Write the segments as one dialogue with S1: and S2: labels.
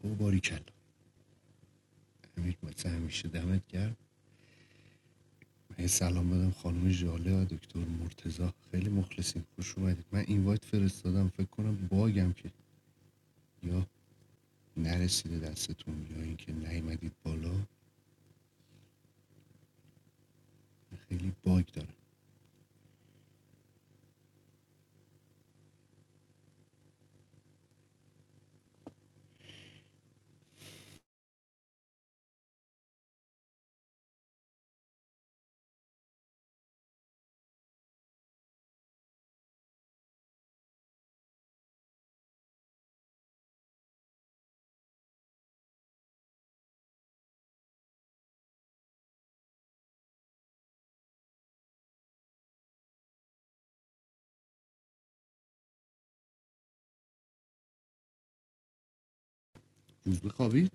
S1: او باریکل امیر مثل همیشه دمت گرم من سلام بدم خانم ژاله و دکتر مرتزا خیلی مخلصیم خوش اومدید من اینوایت فرستادم فکر کنم باگم که یا نرسیده دستتون یا اینکه نیومدید بالا خیلی باگ داره روز بخوابید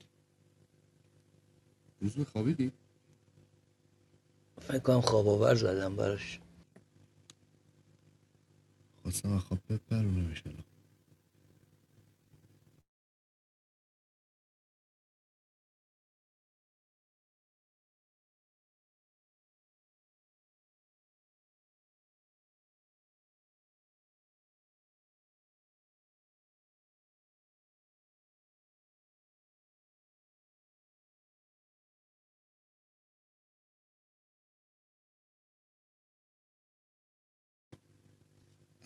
S1: روز بخوابیدی خواستم از خواب بپرونمش الان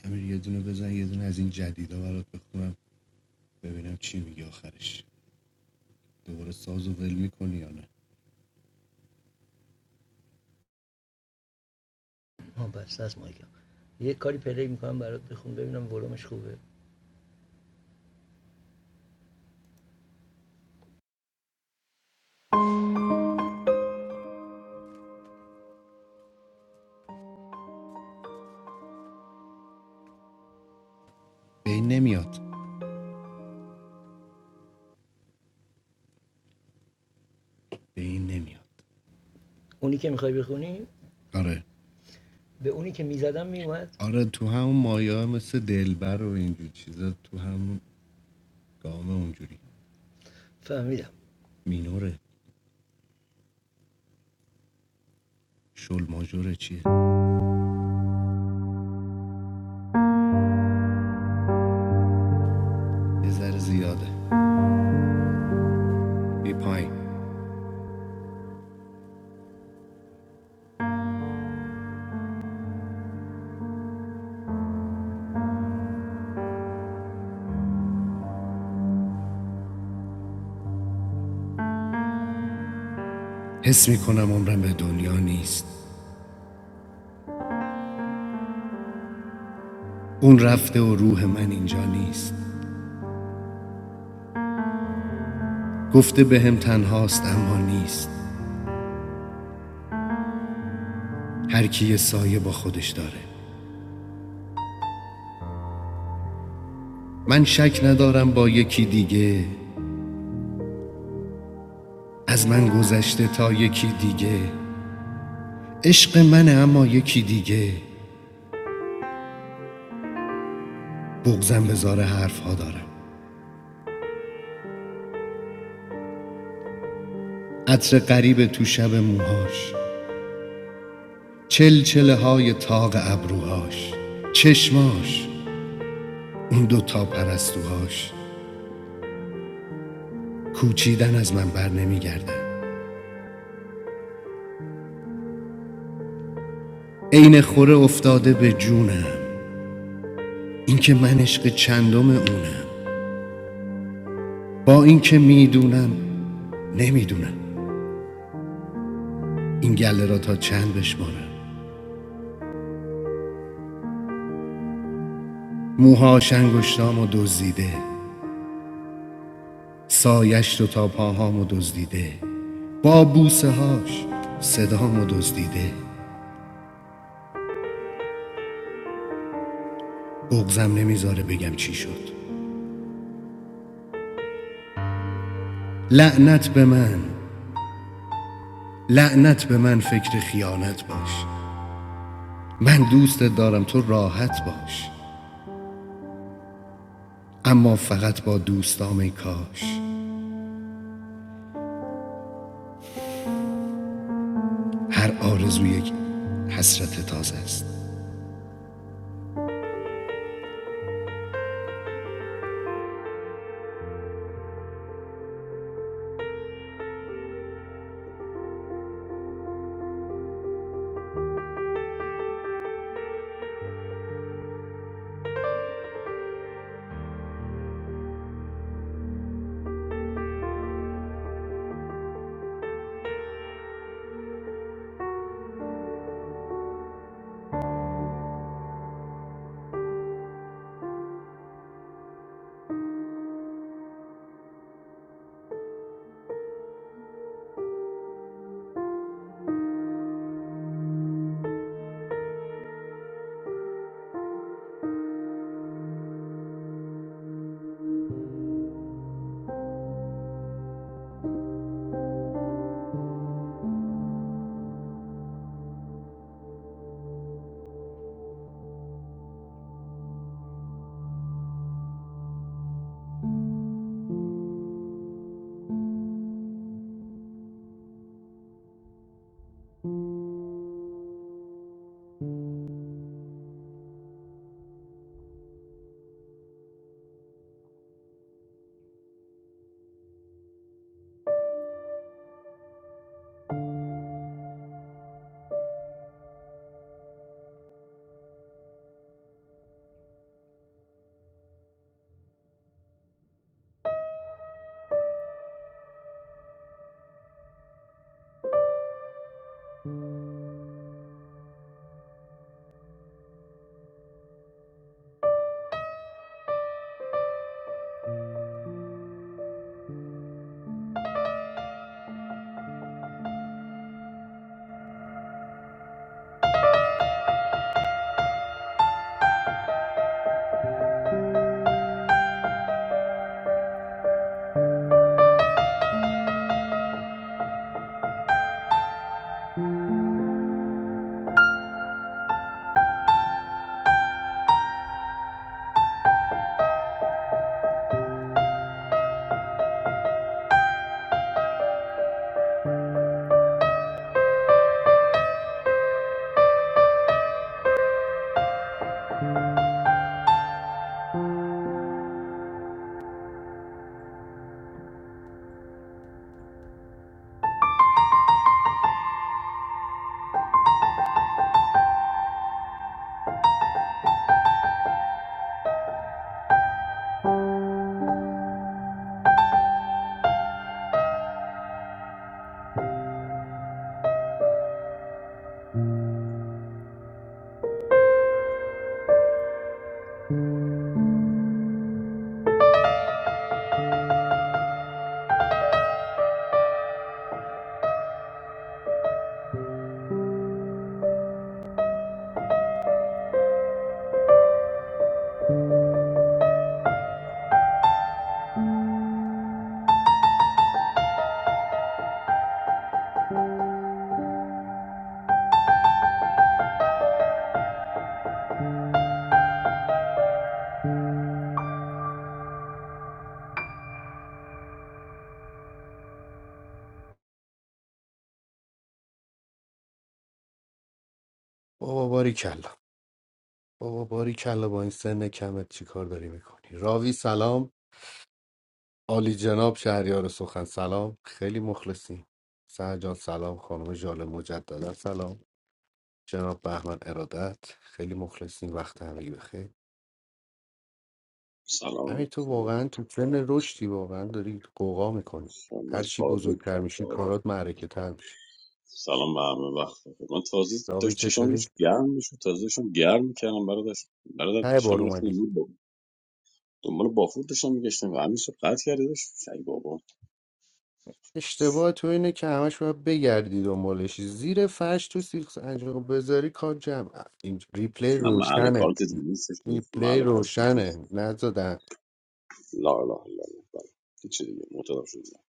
S1: امیر یه دونه بزن یه دونه از این جدیدا برات بخونم ببینم چی میگه آخرش دوباره سازو ول میکنی یا نه به این نمیاد به این نمیاد آره آره تو همون مایه ها مثل دلبر و اینجور چیزا تو همون گامه اونجوری مینوره شل ماژوره چیه یه ذره زیاده بی پایین حس میکنم عمرم به دنیا نیست اون رفته و روح من اینجا نیست گفته بهم تنهاست اما نیست هر کی یه سایه با خودش داره من شک ندارم با یکی دیگه از من گذشته تا یکی دیگه عشق منه اما یکی دیگه بغزم به زار حرفها دارم عطر غریب تو شب موهاش چلچله های تاق ابروهاش چشماش اون دو تا پرستوهاش کوچیدن از من بر نمیگردن عین خوره افتاده به جونم اینکه من عشق چندم اونم با اینکه میدونم نمیدونم این گله را تا چند بشمارم موهاش انگشتامو دزدیده سایش دو تا پاهامو دزدیده با بوسه هاش صدامو دزدیده بغزم نمیذاره بگم چی شد لعنت به من لعنت به من فکر خیانت باش من دوستت دارم تو راحت باش اما فقط با دوستام ای کاش هر آرزو یک حسرت تازه است بابا باری کلا بابا باری کلا با این سن کمت چی کار داری میکنی راوی سلام عالی جناب شهریار سخن سلام خیلی مخلصی سهر جان سلام خانم جاله مجددا سلام جناب بهمن ارادت خیلی مخلصین وقت همگی بخیر همین
S2: سلام
S1: تو واقعا تو سن رشدی واقعا داری قوقا میکنی
S2: من
S1: هر چی
S2: تازه
S1: بزرگتر میشی
S2: تازه
S1: کارات معرکه تر میشه
S2: سلام به همه وقت بخیر من تازه
S1: راوی
S2: داشت چشام
S1: چطوری
S2: داشت گرم میشد تازه داشتم گرم میکردم برای داشت برای
S1: ته
S2: داشتم
S1: بار
S2: میرفتم
S1: اومدی
S2: زود با دنبال بافور داشتم میگشتم و همین صبح قطع کرده داشت شای بابا
S1: اشتباه تو اینه که همش باید بگردی دنبالش زیر فرش تو سیخ سنجاق بذاری کار جمع این ریپلی
S2: نه محل
S1: روشنه
S2: کار که دیگه نیستش نیست
S1: ریپلی
S2: محل کار که دیگه نیست
S1: روشنه نزدن
S2: لا لا لا لا بله هیچ چی دیگه معتاد شدم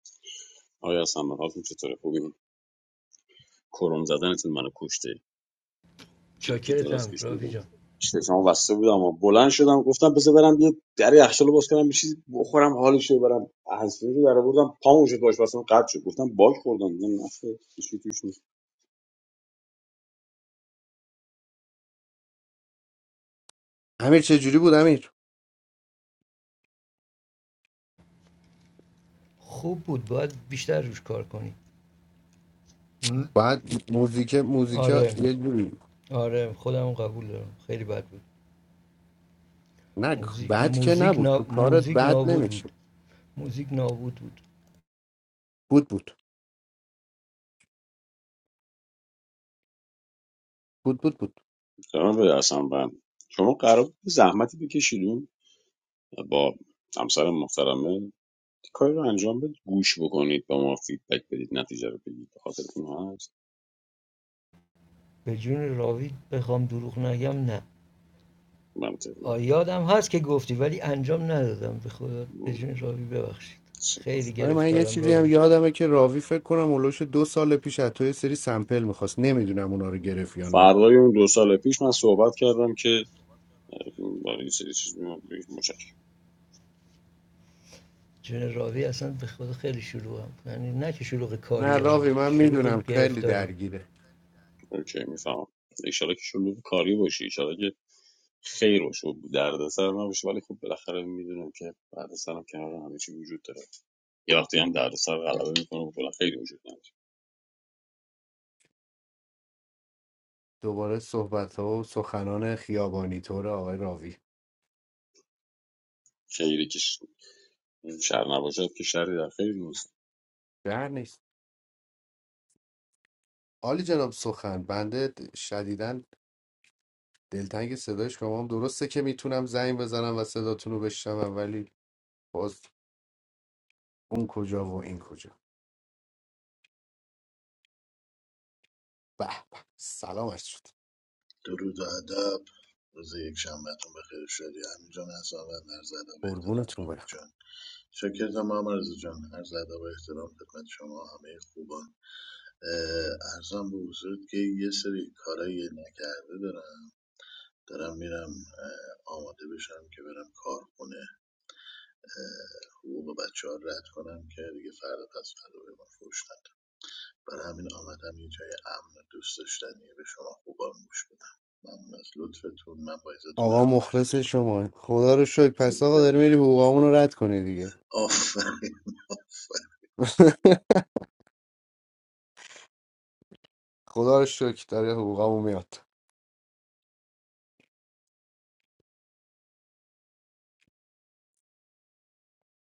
S2: آیا اصلا حالتون چطوره خوبین کروم زدنتون منو کشته جدی دراز کشیدم بودم چشمو بسته بودم و بلند شدم گفتم بذار برم یه در یخچال باز کنم یه چیزی بخورم حالش رو برم هنسفیری رو در آوردم پامون شد باش واسم قطع شد گفتم باگ خوردم دیدم نفه کشی توش نیست
S1: امیر چجوری بود امیر بعد موزیک موزیک یه جوری نه بد که نبود تو کارت بد نمیشه بود بود بود بود بود
S2: سلام به اصلا بند شما قرار بود زحمتی بکشیدون با همسر محترمه کاری رو انجام بدید گوش بکنید با ما فیدبک بدید نتیجه رو بگید به خاطر اون هست منطقی
S1: ولی من یه چیزی هم یادمه که راوی فکر کنم اولوش دو سال پیش از تو یه سری سمپل میخواست نمیدونم اونا رو گرفت یا نه
S2: فردای اون دو سال پیش من صحبت کردم که برای یه سری چیز
S1: نه راوی من میدونم خیلی درگیره
S2: اوکی میفهمم ایشالا که شلوغ کاری باشی ایشالا که خیر باشه و دردسر نباشه ولی خب بالاخره میدونم که دردسر هم کنار همه چی وجود داره یه وقتی هم دردسر غلبه میکنه و کلا خیری وجود نداره
S1: دوباره صحبت ها و سخنان خیابانی طور آقای راوی
S2: خیری که ش- شر نباشد که شری در خیر نیست
S1: در نیست عالی جناب سخن بنده شدیدن دلتنگ صدای شما هم درسته که میتونم زنگ بزنم و صداتون رو بشنوم ولی باز اون کجا و این کجا به به سلامت شد
S3: درود و ادب روز یک شنبهتون بخیر شدی همین جان حسابت عرض ادب و احترام
S1: قربونتون
S3: رابی
S1: برم
S3: جان شکرتم هم عرض جان عرض ادب و احترام خدمت شما همه خوبان اه، ارزم به حضورت که یه سری کارایی نکرده دارم دارم میرم اه، آماده بشم که برم کارخونه اه، حقوق بچه ها رد کنم که دیگه فردا پس فردا به ما فروش ندن. برای همین آمدم یه جای امن و دوست داشتنی به شما خوبان گوش بدم ممنون از لطفتون من با عزتون
S1: آقا
S3: برم پایین که
S1: مخلص شما خدا رو شکر پس
S3: صبح
S1: آقا داری میری
S3: کردم.
S1: حقوقامون رو رد کنی دیگه
S3: آفرین آفرین
S1: خدا رو شکر داره حقوقامون میاد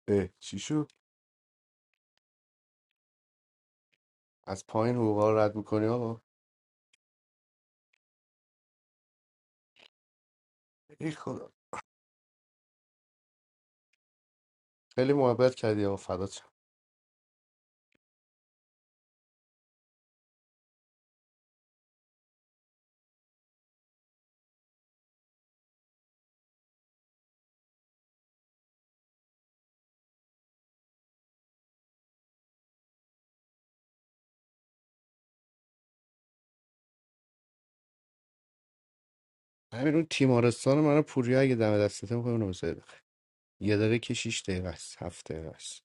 S1: اه چی شد از پایین حقوقا رو رد میکنی آقا ای خدا خیلی محبت کردی آقا فدات شم همین اون تیمارستان من پوریا اگه دم دستته میکنه اونو بذاری بخیر. یه دقیقه که 6 دقیقه است هفت دقیقه است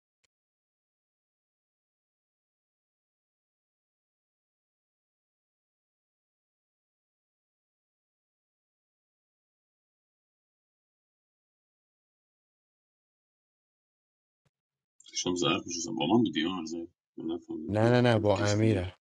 S2: داشتم ضرب می‌شستم. با من بودی ها، من نفهمیدم
S1: نه
S2: یا
S1: نه نه
S2: یا
S1: با
S2: کس دیگه
S1: امیرم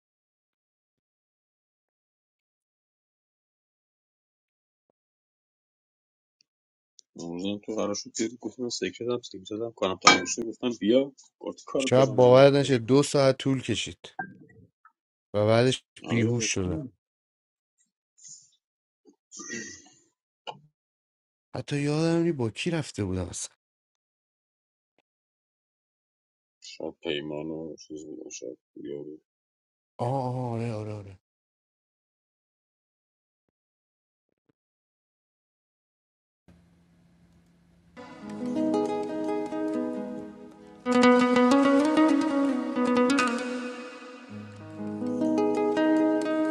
S2: امروزم تو قرار شد بیاری گفتم من سیکرت هم سیم زدم کنم تمام شده گفتم بیا کارت کار
S1: شب
S2: دارم
S1: باور
S2: تو
S1: نشه دو ساعت طول کشید و بعدش بیهوش
S2: آره
S1: شدم حتی یادم نی با کی رفته بودم اصلا
S2: شاید پیمان و چیز بودن شاید بیا بود.
S1: آه آه آره آره آره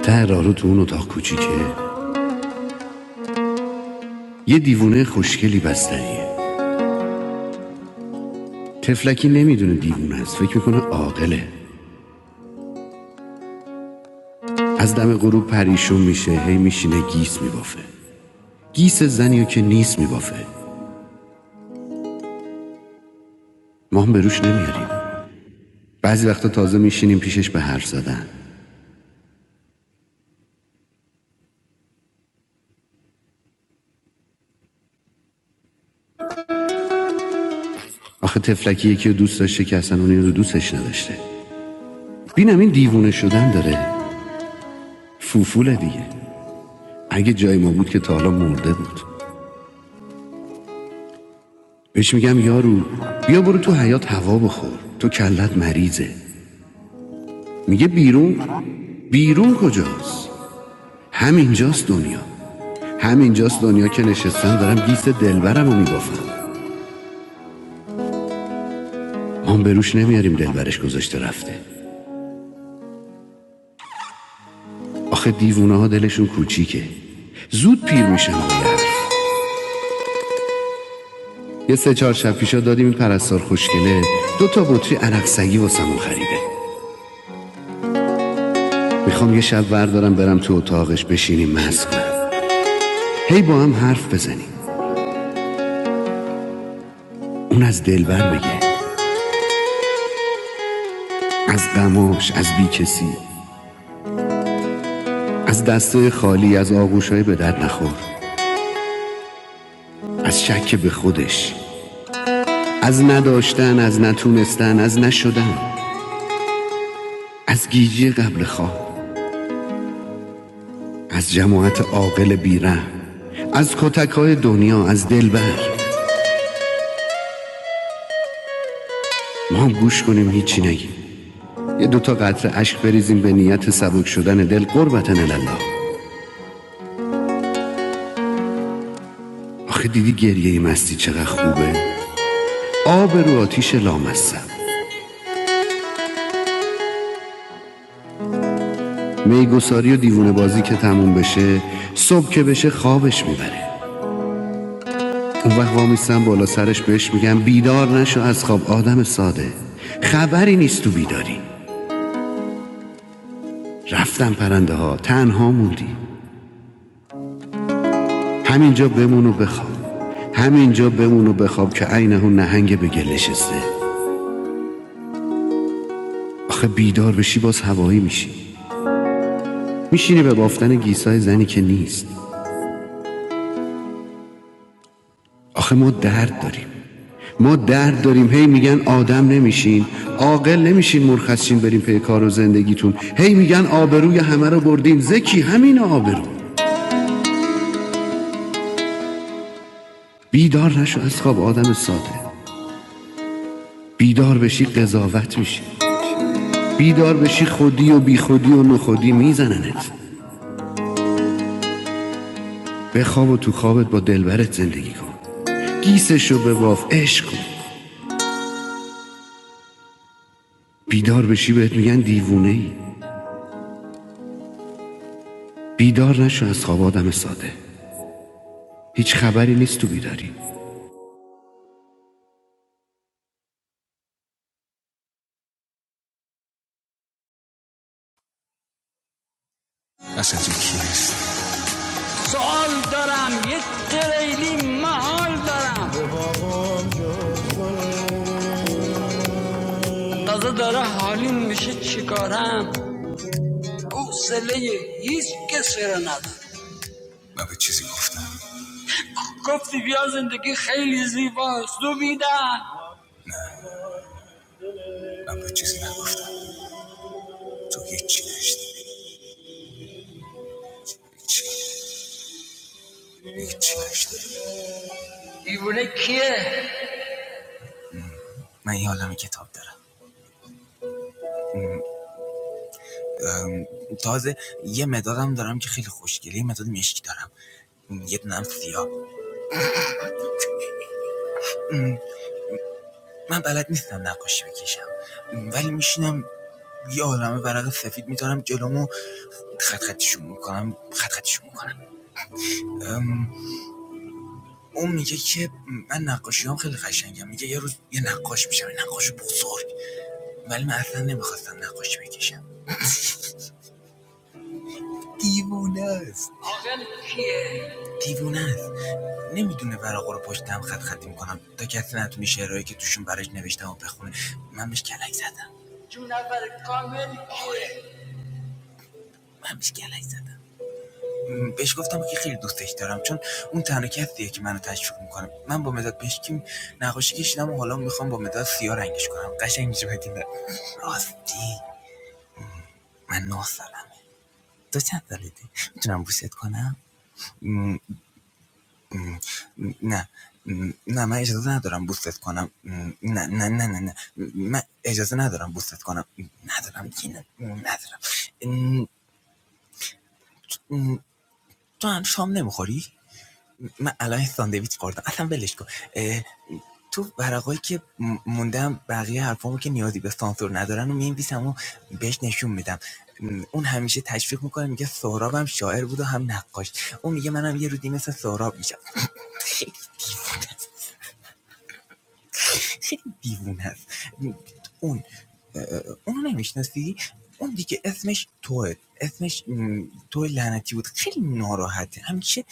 S4: ته راهرو تو اون اتاق کوچیکه یه دیوونه خوشگلی بستریه تفلکی نمیدونه دیوونه است فکر میکنه عاقله از دم غروب پریشون میشه هی میشینه گیس میبافه گیس زنیو که نیست میبافه ما هم به روش نمیاریم بعضی وقتا تازه میشینیم پیشش به حرف زدن آخه تفلکی یکی رو دوست داشته که اصلا اونی رو دوستش نداشته بینم این دیوونه شدن داره فوفوله دیگه اگه جای ما بود که تا حالا مرده بود بهش میگم یارو بیا برو تو حیات هوا بخور تو کلت مریضه میگه بیرون بیرون کجاست همینجاست دنیا همینجاست دنیا که نشستم دارم گیس دلبرم رو میبافم هم به روش نمیاریم دلبرش گذاشته رفته آخه دیوونه ها دلشون کوچیکه زود پیر میشن یه یه سه چهار شب پیشا دادیم این پرستار خوشگله دو تا بطری عرق سگی واسمون خریده میخوام یه شب وردارم برم تو اتاقش بشینیم مست کنم هی با هم حرف بزنیم اون از دلبر بگه از غماش از بیکسی از دست خالی از آغوشهای به درد نخور از شک به خودش از نداشتن از نتونستن از نشدن از گیجی قبل خواب از جماعت عاقل بیره از کتک دنیا از دلبر ما هم گوش کنیم هیچی نگیم یه دوتا قطره اشک بریزیم به نیت سبک شدن دل قربتن الله آخه دیدی گریه مستی چقدر خوبه آب رو آتیش لامصب میگساری و دیوونه بازی که تموم بشه صبح که بشه خوابش میبره اون وقت وامیستم بالا سرش بهش میگم بیدار نشو از خواب آدم ساده خبری نیست تو بیداری رفتم پرنده ها تنها موندی همینجا بمون و بخواب همینجا بمون و بخواب که عینه اون نهنگ به گل نشسته آخه بیدار بشی باز هوایی میشی میشینی به بافتن گیسای زنی که نیست آخه ما درد داریم ما درد داریم هی میگن آدم نمیشین عاقل نمیشین مرخصین بریم پی کار و زندگیتون هی میگن آبروی همه رو بردین زکی همین آبرو بیدار نشو از خواب آدم ساده بیدار بشی قضاوت میشی بیدار بشی خودی و بیخودی و نخودی میزننت بخواب و تو خوابت با دلبرت زندگی کن گیسشو به واف عشق کن بیدار بشی بهت میگن دیوونه ای بیدار نشو از خواب آدم ساده هیچ خبری نیست تو بیداری
S2: اصلا تو کیست سوال دارم یک قریلی محال دارم تازه داره حالیم میشه چیکارم حوصله هیچ کسی رو ندارم من به چیزی گفتم گفتی بیا زندگی خیلی زیباست دو میدن من به چیزی نگفتم تو هیچی نشتی هیچی نشتی دیوونه کیه من یه عالم کتاب دارم تازه یه مدادم دارم که خیلی خوشگله یه مداد مشکی دارم یه دونم سیاه من بلد نیستم نقاشی بکشم ولی میشینم یه عالمه ورق سفید میدارم جلومو خط خطشون میکنم خط خطشون میکنم اون میگه که من نقاشی هم خیلی قشنگم میگه یه روز یه نقاش میشم یه نقاش بزرگ ولی من اصلا نمیخواستم نقاشی بکشم دیوونه است عاقل کیه دیوونه است نمیدونه ورقا رو پشتم خط خطی میکنم تا کسی نتونه شعرهایی که توشون براش نوشتم و بخونه من بهش کلک زدم جونور کامل کیه من گلک زدم بهش گفتم که خیلی دوستش دارم چون اون تنها کسیه که منو تشویق میکنه من با مداد پشکی نقاشی کشیدم و حالا میخوام با مداد سیاه رنگش کنم قشنگ میشه بدین راستی من نه سالمه تو چند سالتی میتونم بوست کنم م، م، نه نه من اجازه ندارم بوستت کنم نه نه نه نه من اجازه ندارم بوستت کنم ندارم دیگه نه- ندارم م، م، تو هم شام نمیخوری من الان یه ساندویچ خوردم اصلا ولش کن تو ورقایی که م- موندم بقیه حرفامو که نیازی به سانسور ندارن و می‌نویسم و بهش نشون میدم اون همیشه تشویق میکنه میگه سهراب هم شاعر بود و هم نقاش اون میگه منم یه روزی مثل سهراب میشم خیلی دیوونه است اون اون نمیشناسی اون دیگه اسمش توه اسمش توی لعنتی بود خیلی ناراحته همیشه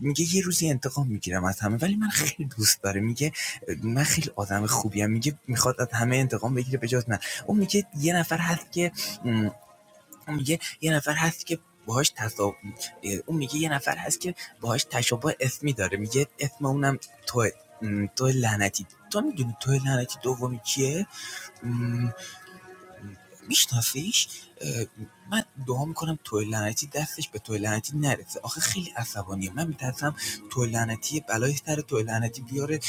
S2: میگه یه روزی انتقام میگیرم از همه ولی من خیلی دوست داره میگه من خیلی آدم خوبیم میگه میخواد از همه انتقام بگیره به جز من اون میگه یه نفر هست که اون میگه یه نفر هست که باهاش تصاب اون میگه یه نفر هست که باهاش تشابه اسمی داره میگه اسم اونم تو تو لعنتی تو میدونی تو لعنتی دومی کیه میشناسیش من دعا میکنم تو لعنتی دستش به تو لعنتی نرسه آخه خیلی عصبانیه من میترسم تو لعنتی بلای سر تو لعنتی بیاره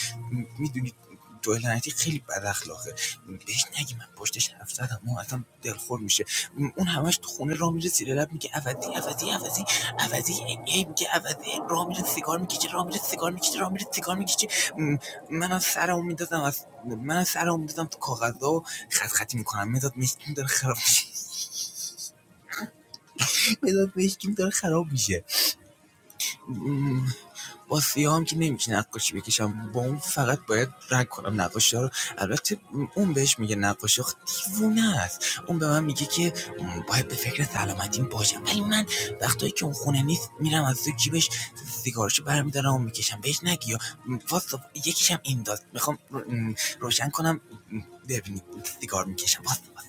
S2: میدونی جوهل لعنتی خیلی بد اخلاقه بهش نگی من پشتش حرف زدم ما اصلا دلخور میشه اون همش تو خونه را میره زیر لب میگه عوضی عوضی عوضی عوضی هی میگه عوضی را میره سیگار میکشه را میره سیگار میکشه را میره سیگار میکشه منم سرمو میدادم از منم سرمو میدادم تو کاغذا و خط خطی میکنم مداد مشکیم داره خراب میشه مداد مشکیم داره خراب میشه با سیاه هم که نمیشه نقاشی بکشم با اون فقط باید رنگ کنم نقاشی ها رو البته اون بهش میگه نقاشی آخه دیوونه است اون به من میگه که باید به فکر سلامتیم باشم ولی من وقتایی که اون خونه نیست میرم از تو جیبش سیگارشو برمیدارم و میکشم بهش نگی یا واسه یکیشم این داد میخوام روشن کنم ببینید سیگار میکشم واسه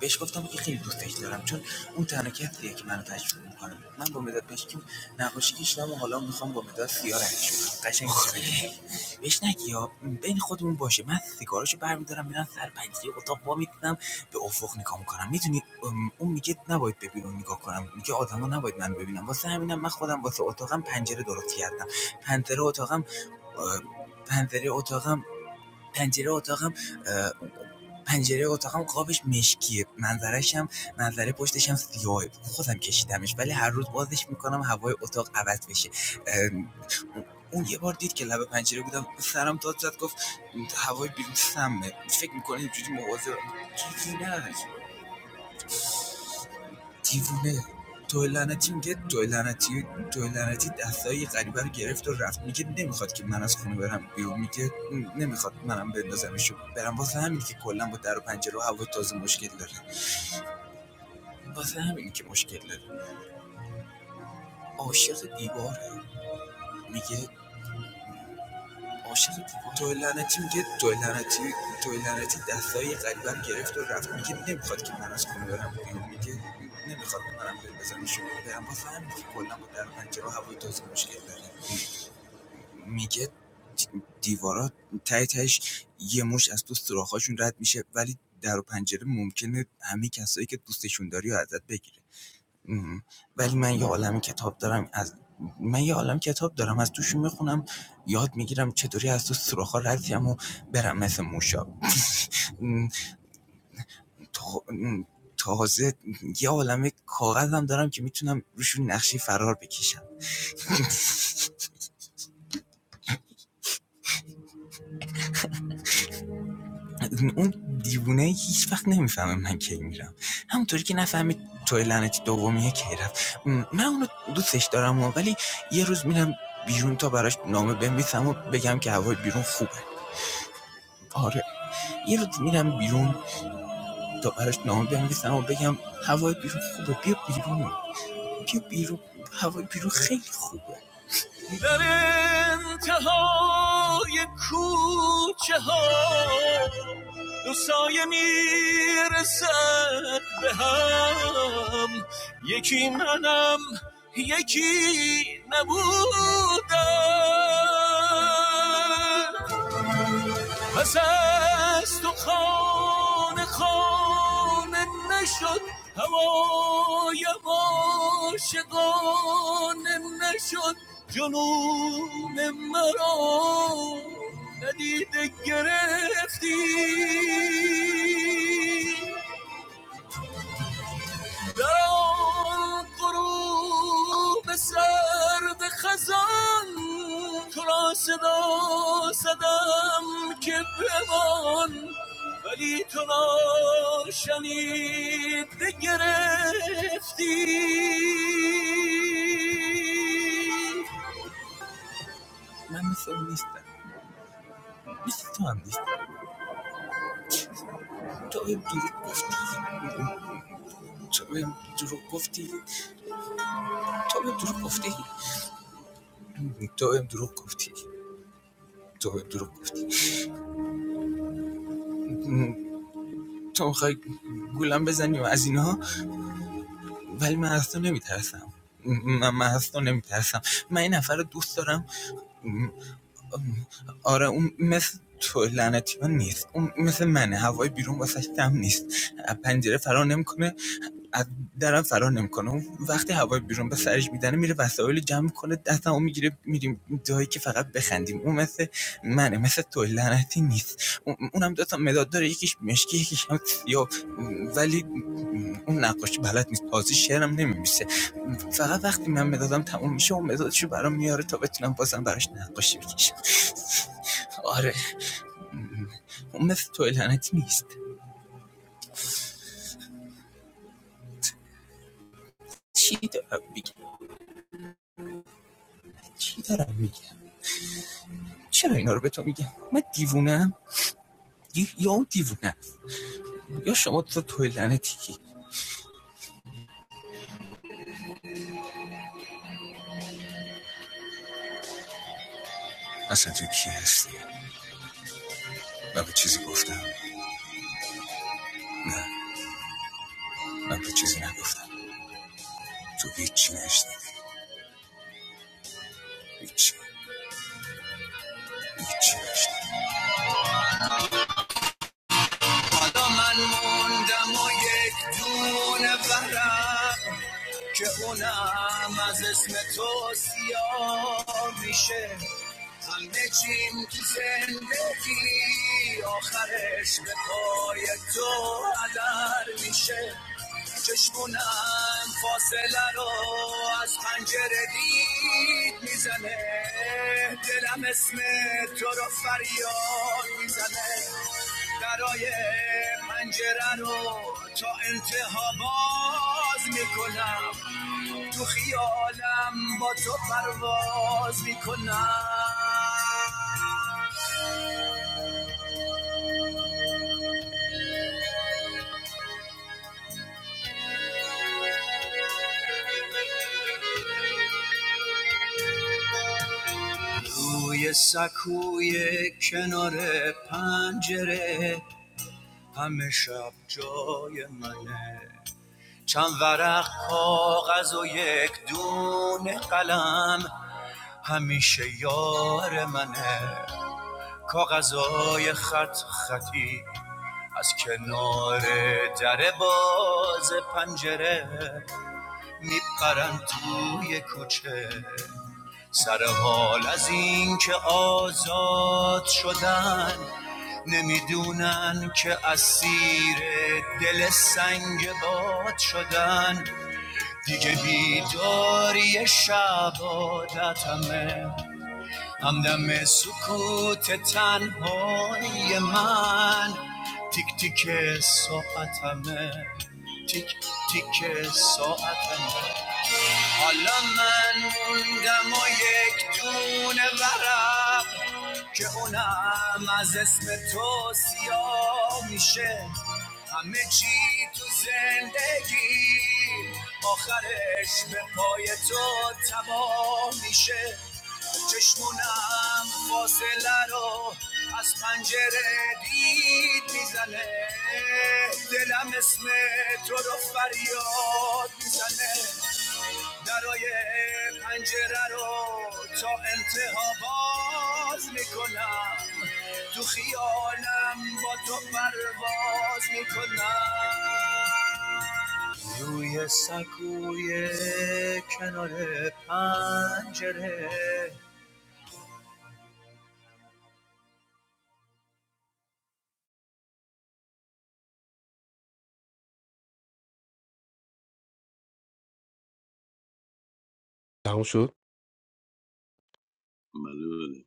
S2: بهش گفتم که خیلی دوستش دارم چون اون تنها کسیه که منو تشویق میکنه من با مداد مشکی نقاشی کشیدم و حالا میخوام با مداد سیاه رنگش کنم قشنگ میشه بهش نگی بین خودمون باشه من سیگاراشو برمیدارم میرم سر پنجره اتاق وا میتونم به افق نگاه میکنم میدونی اون میگه نباید به بیرون نگاه کنم میگه آدما نباید من ببینم واسه همینم من خودم واسه اتاقم پنجره درست کردم پنجره اتاقم اه، پنجره اتاقم پنجره اتاقم پنجره اتاقم قابش مشکیه منظرش هم منظره پشتش هم سیاهه خودم کشیدمش ولی هر روز بازش میکنم هوای اتاق عوض بشه اون یه بار دید که لب پنجره بودم سرم داد زد گفت هوای بیرون سمه فکر میکنه اینجوری مواظبم دیوونه دیوونه توی لعنتی میگه توی لعنتی توی لعنتی دستای غریبه رو گرفت و رفت میگه نمیخواد که من از خونه برم بیرون میگه نمیخواد منم بندازمشو برم واسه همین که کلا با در و پنجره و هوا تازه مشکل داره واسه همین که مشکل داره عاشق دیواره میگه عاشق دیوار توی لعنتی میگه توی لعنتی توی لعنتی دستای قریبم گرفت و رفت میگه نمیخواد که من از خونه برم بیرون میگه نمیخواد که منم بریم بزنم شما برم واسه همین که کلا با در پنجره و هوای تازه مشکل داره میگه دی- دیوارا تای تهش یه مش از تو سوراخ‌هاشون رد میشه ولی در و پنجره ممکنه همه کسایی که دوستشون داری و ازت بگیره ام. ولی من یه عالم کتاب دارم از من یه عالم کتاب دارم از توش میخونم یاد میگیرم چطوری از تو سوراخ‌ها رد شم و برم مثل موشا تازه یه عالم کاغذم دارم که میتونم روشون نقشی فرار بکشم اون دیوونه هیچ وقت نمیفهمه من کی میرم همونطوری که نفهمید توی لعنتی دومیه کی رفت من اونو دوستش دارم و ولی یه روز میرم بیرون تا براش نامه بنویسم و بگم که هوای بیرون خوبه آره یه روز میرم بیرون تا براش نامه بنویسم و بگم هوای بیرون خوبه بیا بیرون بیا بیرون هوای بیرون خیلی خوبه در انتهای کوچه ها دو سایه میرسد به هم یکی منم یکی نبودم پس از تو خانه خانه نشد هوای عاشقانه نشد جنون مرا ندیده گرفتی در آن غروب سرد خزان تو را صدا زدم که بمان ولی تو را شنید گرفتی من مثل اون نیستم مثل تو هم نیست تو بهم دروغ گفتی تو بهم دروغ گفتی تو بهم دروغ گفتی تو بهم دروغ گفتی تو بهم دروغ گفتی تو میخوای گولم بزنی و از اینها ولی من از تو نمیترسم من من از تو نمیترسم من این نفر رو دوست دارم آره اون مثل تو لعنتی من نیست اون مثل منه هوای بیرون واسش دم نیست از پنجره فرار نمیکنه از درم فرار نمیکنه اون وقتی هوای بیرون به سرش میزنه میره وسایل رو جمع میکنه دستمو میگیره میریم جایی که فقط بخندیم اون مثل منه مثل تو لعنتی نیست اون- اونم دو تا مداد داره یکیش مشکی یکیش هم سیاه ولی اون نقاشی بلد نیست تازه شعرم نمیمیسه فقط وقتی من مدادم تموم میشه اون مدادشو برام میاره تا بتونم بازم براش نقاشی بکشم آره اون مثل تو لعنتی نیست چی دارم میگم چی دارم میگم چرا اینا رو به تو میگم من دیوونم یا یا اون دیوونه یا شما تو تو لعنتی اصلا تو کی هستی من به چیزی گفتم نه من به چیزی نگفتم تو هیچی نشنیدی هیچی هیچی نشنیدی حالا من موندم و یک دونه برم که اونم از اسم تو سیاه میشه همه چیم تو زندگی آخرش به پای تو هدر میشه چشمونم فاصله رو از پنجره دید میزنه دلم اسم تو رو فریاد میزنه درای پنجره رو تا انتها باز میکنم تو خیالم با تو پرواز میکنم روی سکوی کنار پنجره همه شب جای منه چند ورق کاغذ و یک دونه قلم همیشه یار منه کاغذای خط خطی از کنار در باز پنجره میپرن توی کوچه سر حال از این که آزاد شدن نمیدونن که اسیر دل سنگ باد شدن دیگه بیداری شب عادتمه همدم سکوت تنهایی من تیک تیک ساعتمه تیک تیک ساعتمه حالا من موندم و یک دونه ورق که اونم از اسم تو سیاه میشه همه چی تو زندگی آخرش به پای تو تباه میشه چشمونم فاصله رو از پنجره دید میزنه دلم اسم تو رو فریاد میزنه درای پنجره رو تا انتها باز میکنم تو خیالم با تو پرواز میکنم روی سکوی کنار پنجره
S1: تموم شد
S2: بله بله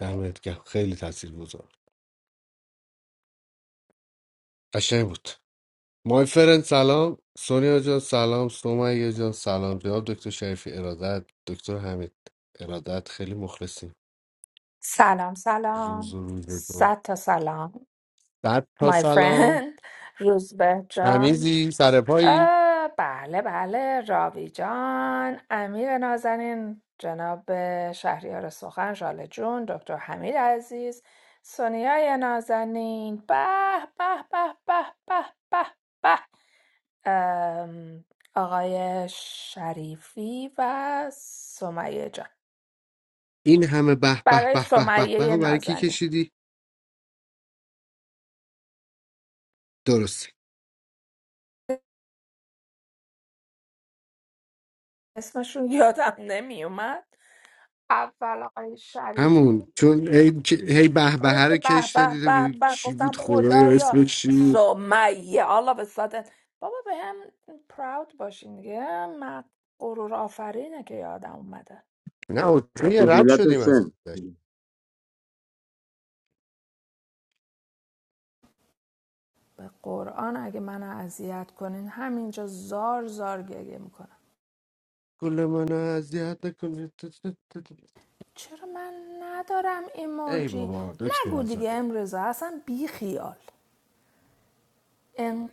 S1: دمت گرم خیلی تاثیرگذار قشنگ بود مای فرند سلام سونیا جان سلام سومیا جان سلام جناب دکتر شریفی ارادت دکتر حمید ارادت خیلی مخلصیم
S5: سلام
S1: روز
S5: سلام
S1: و روز دو
S5: صد تا سلام
S1: صد تا
S5: my
S1: سلام
S5: friend روزبه
S1: همین
S5: جان
S1: س-
S5: اه، بله بله راوی جان امیر نازنین جناب شهریار سخن ژاله جون دکتر حمید عزیز سونیای نازنین به به به به به به به ام، آقای شریفی و سمیه جان
S1: این همه به به
S5: برای
S1: به به به به
S5: سمیه
S1: و برای کی
S5: نازنین
S1: کشیدی درسته
S5: اسمشون یادم نمیومد اول آقای شریفی
S1: همون چون هی, هی به
S5: آره
S1: به
S5: به
S1: رو کش
S5: به
S1: دادی تو
S5: به
S1: ببین
S5: به
S1: چی بود
S5: گفتم
S1: خدای
S5: خدایا
S1: اسمش چی بود
S5: سمیه الله به صادت بابا به هم پراود باشین دیگه من غرور آفرینه که یادم اومده
S1: نه اوکی رد
S2: سهولت
S1: شدیم ازش
S2: سن
S5: به قرآن اگه من اذیت کنین همینجا زار زار گریه میکنم
S1: گل منو اذیت نکن
S5: چرا من ندارم
S1: ای
S5: ایموجی
S1: بابا دکتر
S5: نگو دیگه
S1: آزاده
S5: امروزه اصلا بی خیال ان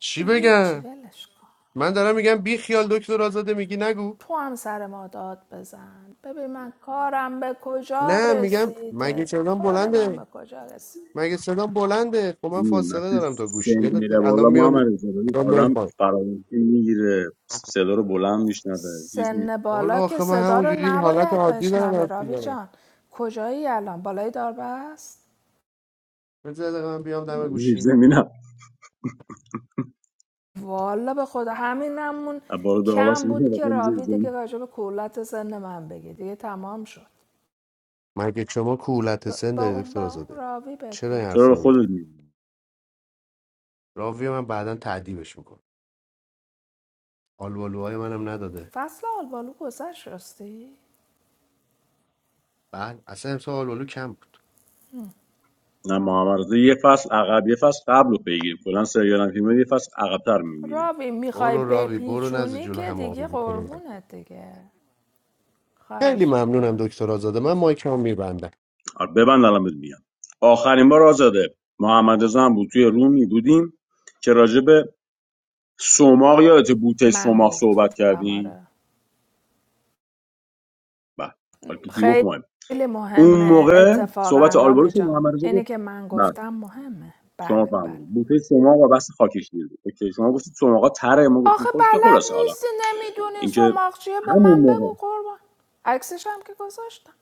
S1: چی
S5: هیچی
S1: بگم
S5: ولش کن
S1: من دارم میگم بی خیال دکتر آزاده میگی نگو
S5: تو هم سر ما داد بزن ببین من کارم به کجا
S1: نه میگم مگه
S5: رسیده
S1: صدام
S5: کار من
S1: بلنده
S5: به کجا رسید
S1: مگه صدام بلنده خب من
S2: این
S1: فاصله
S2: وقتی
S1: دارم تا گوشی
S2: سن
S1: یادت
S2: میره
S1: الان
S2: بالا
S1: میام
S2: محمد رضا ببین
S1: الان میام
S2: آدم
S1: پای
S2: فراموشی میگیره صدا رو بلند میشنوه چیز می
S5: سن
S1: حالا
S5: بالا که
S1: آخه من
S5: صدا رو
S1: همونجوری حالت
S5: نباید
S1: عادی دارم
S5: بشنوه
S1: حرف
S5: راوی
S1: میزنم
S5: جان کجایی الان بالای داربست
S1: بذار یه دقیقه من بیام دم
S2: من زیر
S1: گوشی
S2: زمینم
S5: والا به خدا همینمون
S2: بار
S5: کم بود که راوی
S2: دارم
S5: دیگه راجع به کولت سن من بگه دیگه تمام شد
S1: مگه شما کولت
S5: ب-
S1: سن
S5: با
S1: داری
S5: اون
S1: دکتر
S5: با اون
S1: آزاده
S5: راوی
S1: چرا این
S5: بگو
S1: حرفا
S2: چرا به
S1: رو میگی
S2: خودت میگی
S1: راوی من بعدا تعدیبش میکنه آلوالوهای منم نداده
S5: فصل آلبالو گذشت راستی
S1: بعد اصلا امسال آلوالو کم بود
S2: نه محمد رضا یه فصل عقب یه فصل قبل رو بگیر کلا سریال هم فیلم یه فصل عقبتر میبینه
S5: راوی میخوای
S1: برو راوی برو نزد
S5: بپیچونی
S1: جلو
S5: که
S1: همه آبی
S5: دیگه
S1: میکنه.
S5: قربونت دیگه
S1: خیلی
S5: خواهش
S1: ممنونم
S5: میکنم
S1: دکتر آزاده من مایکم میبندم
S2: آره ببند الان بهت میگم آخرین بار آزاده محمد رضا هم بود توی رومی بودیم که راجع به سوماق یادت بوته
S5: من
S2: سوماق صحبت
S5: گفتم
S2: کردیم
S5: آره
S2: بله حالا که کی گفت مهم
S5: خیلی
S2: اون
S5: مهمه
S2: موقع صحبت
S5: اتفاقا رابی
S2: آلبروش و
S5: جان
S2: محمد رضا
S5: اینی
S2: گفت
S5: که من
S2: بله
S5: گفتم مهمه
S2: شما
S5: بله بله
S2: فهمیدید بوته سوماق و بس خاکش دیدید اوکی شما گفتید سوماقا تره ما گفتیم
S5: آخه
S2: خوش که
S5: بلد
S2: خلاصه حالا
S5: نیستی نمیدونی
S2: اینکه
S5: سماق چیه به من
S2: همون
S5: بگو
S2: موقع
S5: قربان عکسش هم که گذاشتم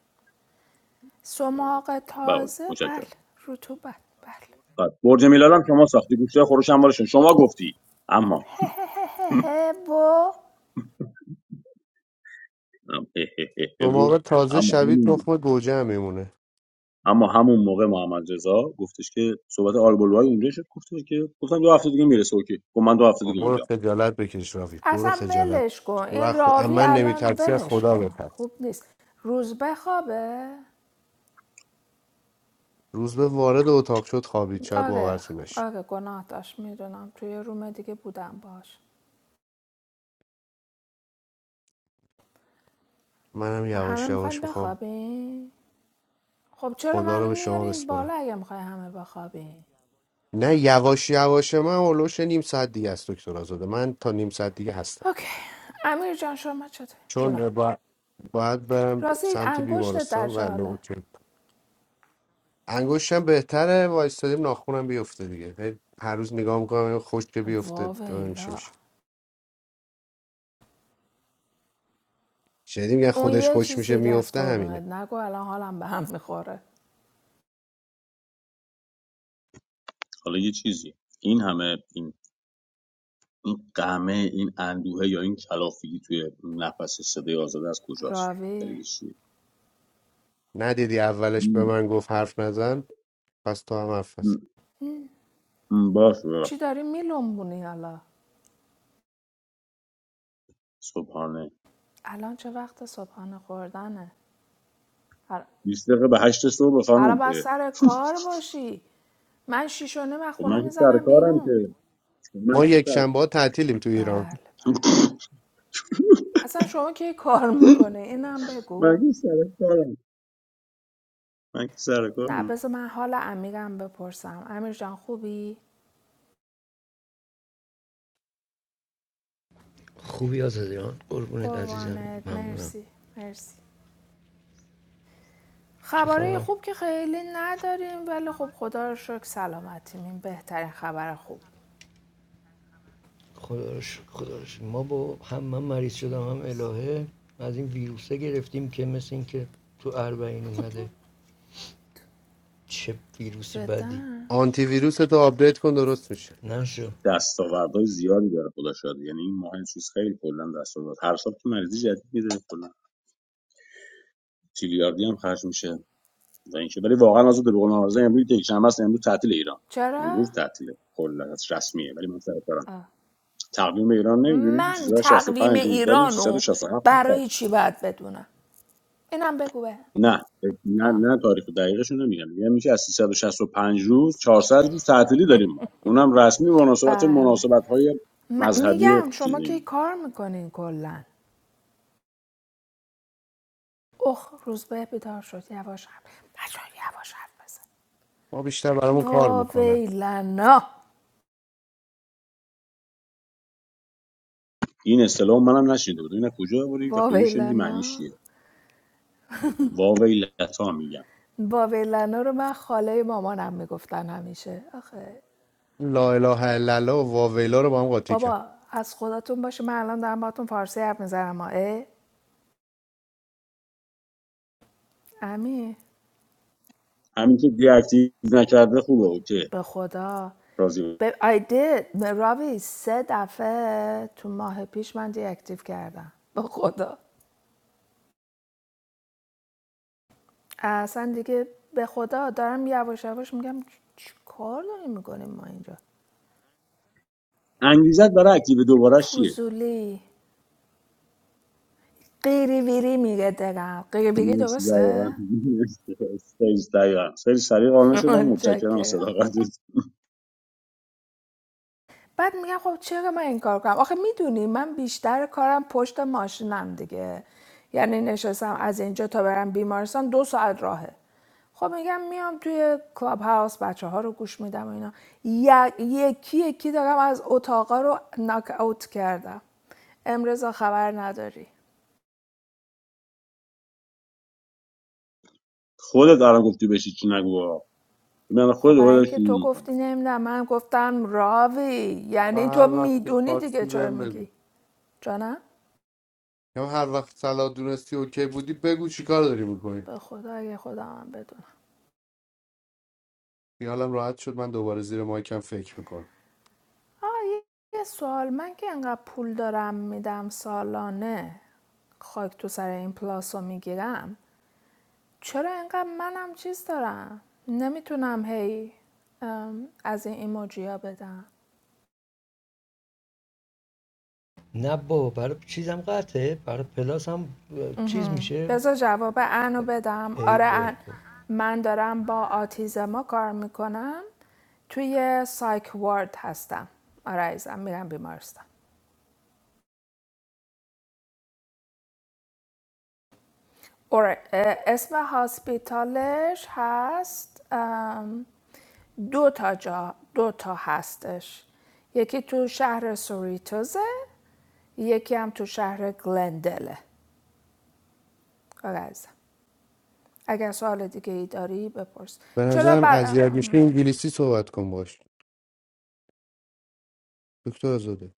S5: سماق
S2: بله
S5: تازه
S2: متشکرم
S5: بله رطوبت بله
S2: بعد برج میلاد هم شما ساختی گوشت خورش هم بالشون شما گفتی اما
S5: هه هه هه هه با
S2: ام- اه اه اه اه
S1: شما
S2: و
S1: آقا تازه
S2: اما
S1: شوید
S2: همون
S1: تخم گوجه هم میمونه
S2: اما همون موقع محمد رضا گفتش که صحبت آلبولوهای اونجا شد گفتش که گفتم دو هفته دیگه میرسه اوکی گفت من دو هفته دیگه
S1: برو
S2: اونجا
S1: خجالت بکش رافیق برو
S5: اصلا
S1: خجالت
S5: ولش
S1: بکش.
S5: کن
S1: برو
S5: این
S1: از خو... از
S5: راوی
S1: من
S5: الان
S1: نمیترسی از
S5: ولش
S1: خدا
S5: کن
S1: بترس
S5: خوب نیست روز بخوابه
S1: روز به وارد اتاق شد خوابید شاید
S5: آره
S1: باورتون نشه
S5: آره گناه داشت میدونم توی یه روم دیگه بودم باش
S1: منم
S5: همه
S1: یواش
S5: میخوایم
S1: یواش میخوام
S5: بخوابیم خب چرا
S1: خدا رو
S5: منو
S1: به شما
S5: میارین بالا
S1: بسپرم
S5: اگه میخوای همه بخوابیم
S1: نه یواش یواش من اولوش نیم ساعت دیگه است دکتر آزاده من تا نیم ساعت دیگه هستم
S5: اوکی امیر جان شما چطور جونم
S1: چون با... باید برم
S5: راستی
S1: سمت
S5: انگشتت در
S1: بیمارستان و
S5: چه حاله
S1: لوتر. انگشتم بهتره وایستادیم ناخونم بیفته دیگه هی هر روز نگاه میکنم خوش که بیفته ببینیم چی
S5: واویلا
S1: میشه شنیدی میگن
S5: اون
S1: خودش
S5: یه
S1: خوش
S5: چیز
S1: میشه
S5: دیگه از
S1: میفته همینه
S5: قربونت نگو الان حالم به هم میخوره
S2: حالا یه چیزی این همه این این قمه این اندوه یا این کلافگی توی نفس صدای آزاده از کجاست
S5: راوی
S2: دلیلش چیه؟
S1: ندیدی اولش به
S2: م-
S1: من گفت حرف نزن پس تو هم حرف نزن
S2: م- م، باش باش
S5: چی داری میلنبونی حالا
S2: صبحانه
S5: الان چه وقت صبحانه خوردنه
S2: 20 دقیقه به 8 صبح خانم
S5: برا
S2: اه،
S5: باید سر کار باشی من شیشونه و
S2: خب
S5: خونه
S2: من که سر
S5: میزنم
S2: کارم
S5: بیرون
S2: که خب
S1: ما
S2: من که
S1: یک شنبه ها تعطیلیم تو ایران
S5: بله بله
S2: سر
S5: اصلا شما که کار میکنه اینم بگو
S2: من که سر کارم من که سر
S5: نه
S2: کارم
S5: بذار من حال امیرم بپرسم امیر جان خوبی قربانت مرسی مرسی خبرهای خوب که خیلی نداریم ولی خب خدا رو شکر سلامتیم این بهترین خبر خوب چیز جدا
S1: آنتی ویروس تو آپدیت کن درست میشه
S2: دستاوردهای زیادی داره خدا شاده یعنی این ماه چیز خیلی کلا دستاورد هر سال که مریضی جدید میده کلا تریلیاردی هم خرج میشه و اینکه ولی واقعا از به قول معارضه امروز یک شنبه است امروز تعطیل ایران
S5: چرا
S2: امروز تعطیله کلا از رسمیه ولی من سر کارم تقویم ایران نمیدونی
S5: من
S2: چیزا شصت و
S5: تقویم
S2: پنج روز داریم
S5: ایرانو
S2: 367
S5: برای چی باید بدونم اینم بگو به
S2: نه نه
S5: ها
S2: نه تاریخ دقیقش رو نمیگم میگم میشه از 365 روز 400 روز تعطیلی داریم ما اونم رسمی به مناسبت
S5: بله
S2: مناسبت های
S5: م-
S2: مذهبی و
S5: میگم شما که
S2: چیزی
S5: کار میکنین کلا اخ روزبه بیدار شد یواش حرف بچه ها یواش حرف بزن
S1: ما بیشتر برامون کار
S5: وا
S1: میکنن
S5: ویلنا
S2: این اصطلاح منم نشیده بود اینا کجا بری و
S5: وا
S2: کجا شنیدی معنیش
S5: ویلنا
S2: چیه واویلتا میگم
S5: با ویلنا رو من خاله مامانم میگفتن همیشه آخه
S1: لا اله الا الله و واویلا رو با هم قاطی کرد
S5: بابا از خداتون باشه من الان دارم باتون فارسی حرف میزنم اه امی
S2: همین که دی اکتیو نکرده خوبه اوکی
S5: به خدا
S2: راضی بود
S5: به I did. راوی سه دفعه تو ماه پیش من دی اکتیو کردم به خدا اصلا دیگه به خدا دارم یواش یواش میگم چی کار داریم میکنیم ما اینجا
S2: انگیزت برای اکتیو دوباره چیه
S5: فضولی قیری ویری میگه دقم قیری ویری
S2: نیست
S5: درسته؟
S2: دقیقاً سیز دقیقاً خیلی سریع قانع شدم متشکرم از
S5: چکر
S2: صداقتت
S5: بعد میگم خب چرا من این کار کنم آخه میدونی من بیشتر کارم پشت ماشینم دیگه یعنی نشستم از اینجا تا برم بیمارستان دو ساعت راهه خب میگم میام توی کلاب هاوس بچه ها رو گوش میدم و اینا یکی یکی دارم از اتاقا رو ناک اوت کردم امروز خبر نداری
S2: خودت الان گفتی بشی چی نگو آقا. من
S5: خب
S2: خود
S5: برای
S2: دوباره
S5: اینکه تو
S2: شروع می‌کنم.
S5: گفتی نمیدونم من گفتم راوی
S1: و
S5: یعنی تو
S1: هر وقت که
S5: میدونی دیگه
S1: فارسی
S5: چرا
S1: بهم بگو
S5: میگی جانم
S1: یا هر وقت صلاح دونستی اوکی بودی بگو چیکار داری میکنی
S5: به خدا اگه خودم هم بدونم
S1: خیالم راحت شد من دوباره زیر مایکم فکر میکنم
S5: آه یه یه سوال من که انقدر پول دارم میدم سالانه خاک تو سر این پلاس رو میگیرم چرا انقدر منم چیز دارم نمیتونم هی ام، از این ایموجی ها بدم بذار جواب انو بدم آره ان من دارم با آتیزما کار میکنم توی سایک وارد هستم آره عزیزم میرم بیمارستان آره، اسم هاسپیتالش هست ام، دو تا جا دو تا هستش یکی تو شهر سوریتوزه یکی هم تو شهر گلندله آقا اگر سوال دیگه ای داری بپرس
S1: به
S5: چرا
S1: نظرم
S5: بر
S1: اذیت میشه انگلیسی صحبت کن باش دکتر آزاده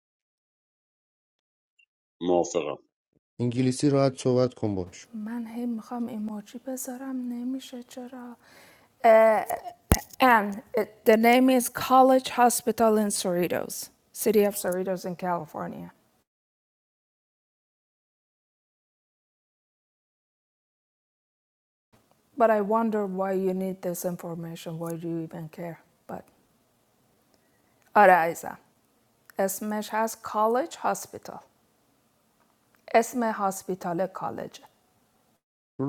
S2: موافقم
S1: انگلیسی راحت صحبت کن باش
S5: من هی میخوام ایموجی بذارم نمیشه چرا and the name is College Hospital in Cerritos, City of Cerritos in California. But I wonder why you need this information, why do you even care? But Araiza, اسمش هست college hospital. اسم هاسپیتال college,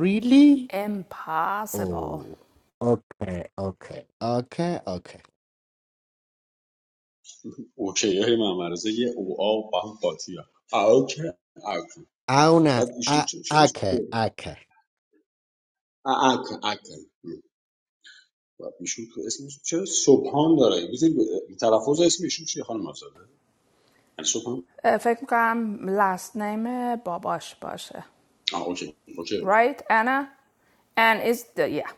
S1: Really?
S5: Impossible.
S1: Oh. Okay, okay. Okay, okay.
S2: اوکی هی من مرزه یه او آ با هم قاطی ها. اوکی اوکی
S1: اونه
S2: بعد ایشون چه چرا
S1: Okay, okay.
S2: اوکی اوکی بعد ایشون که اسمش چرا سبحان داره بزن تلفظ اسم ایشون چیه خانم آزاده یعنی سبحان
S5: اه، فکر میکنم last name باباش باشه.
S2: آه اوکی اوکی اوکی اوکی،
S5: Right, Anna? And is the... Yeah.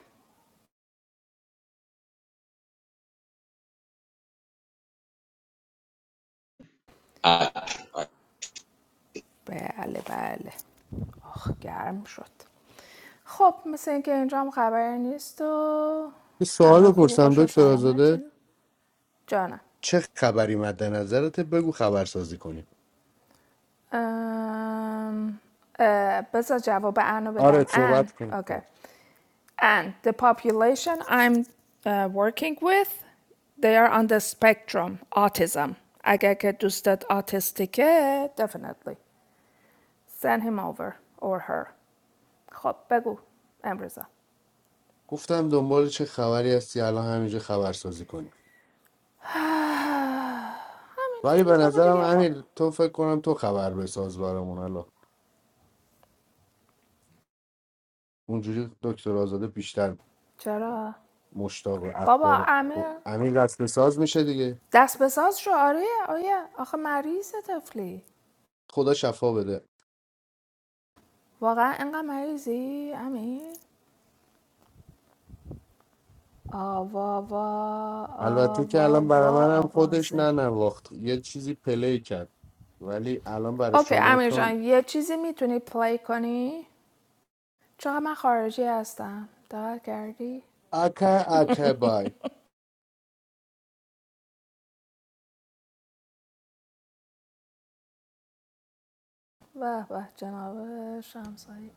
S5: بله بله. آخ گرم شد. خب مثل اینکه اینجا هم خبری نیست و
S1: یه
S5: همه
S1: سوال
S5: خوب و
S1: بپرسم
S5: خوش و
S1: دکتر آزاده
S5: سلامتین. جانم.
S1: چه خبری مد نظرت بگو خبرسازی کنیم
S5: Um, uh, بذار جواب انو
S1: آره
S5: بدم ان
S1: صحبت کن
S5: okay. and the population I'm uh, working with they are on the spectrum autism اگر که دوستت آتیستیکه definitely send him over or her خب بگو امروزا
S1: گفتم دنبال چه خبری هستی الان همینجا خبرسازی کنیم ولی به
S5: همینجوری بابا
S1: نظرم
S5: دیگه خب
S1: امیر تو فکر کنم تو خبر بساز برامون الان اونجوری دکتر آزاده بیشتر
S5: چرا؟
S1: مشتاق
S5: بابا
S1: اخبار خب
S5: امیر
S1: امیر رسم ساز میشه دیگه
S5: دست به شو آره آیا؟ آخه مریض طفلی
S1: خدا شفا بده
S5: واقعا اینقدر مریضی امیر آوا وا
S1: البته که
S5: آوا
S1: الان برای
S5: وا
S1: من هم خودش
S5: آوازه
S1: نه ننواخت یه چیزی پلی کرد ولی الان برای
S5: اوکی
S1: شما
S5: امیر
S1: چون
S5: جان یه چیزی میتونی پلی کنی چون من خارجی هستم دقت کردی
S1: اکه اکه بای
S5: به به جناب شمسایی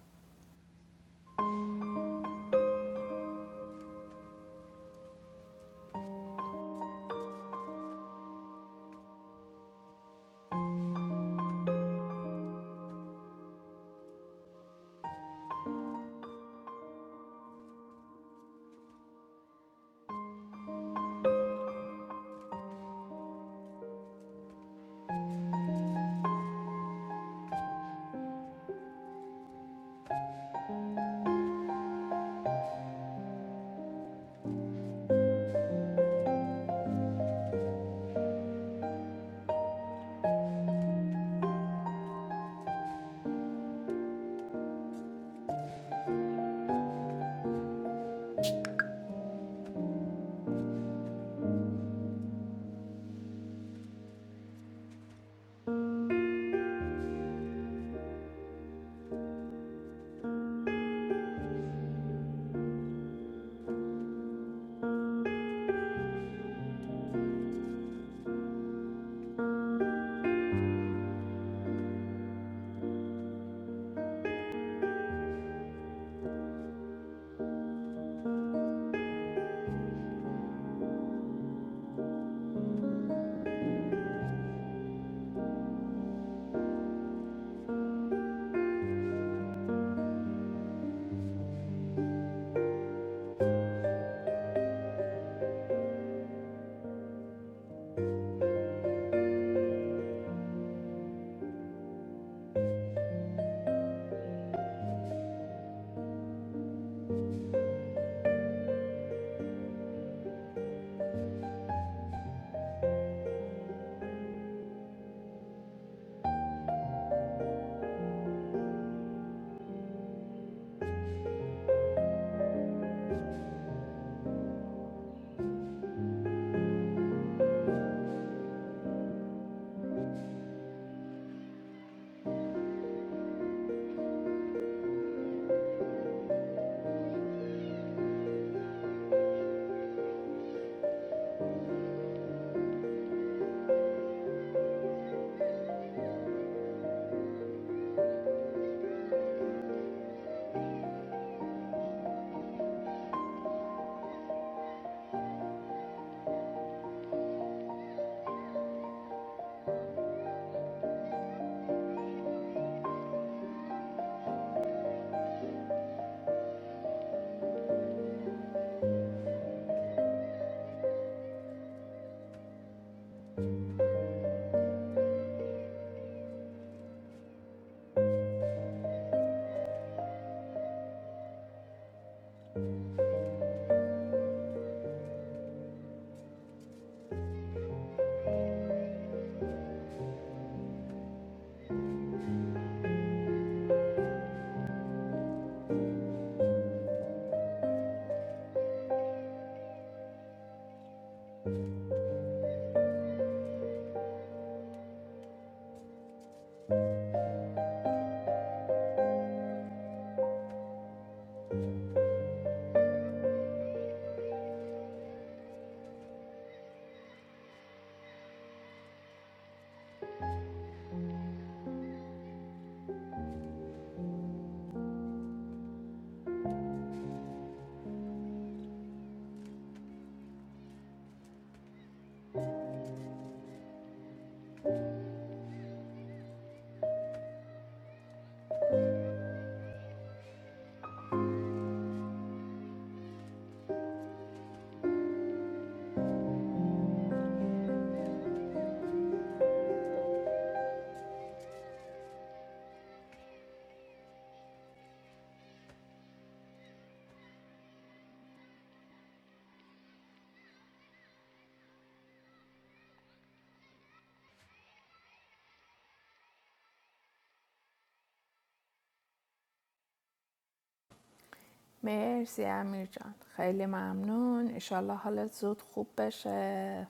S5: مرسی امیر جان خیلی ممنون انشالله حالت زود خوب بشه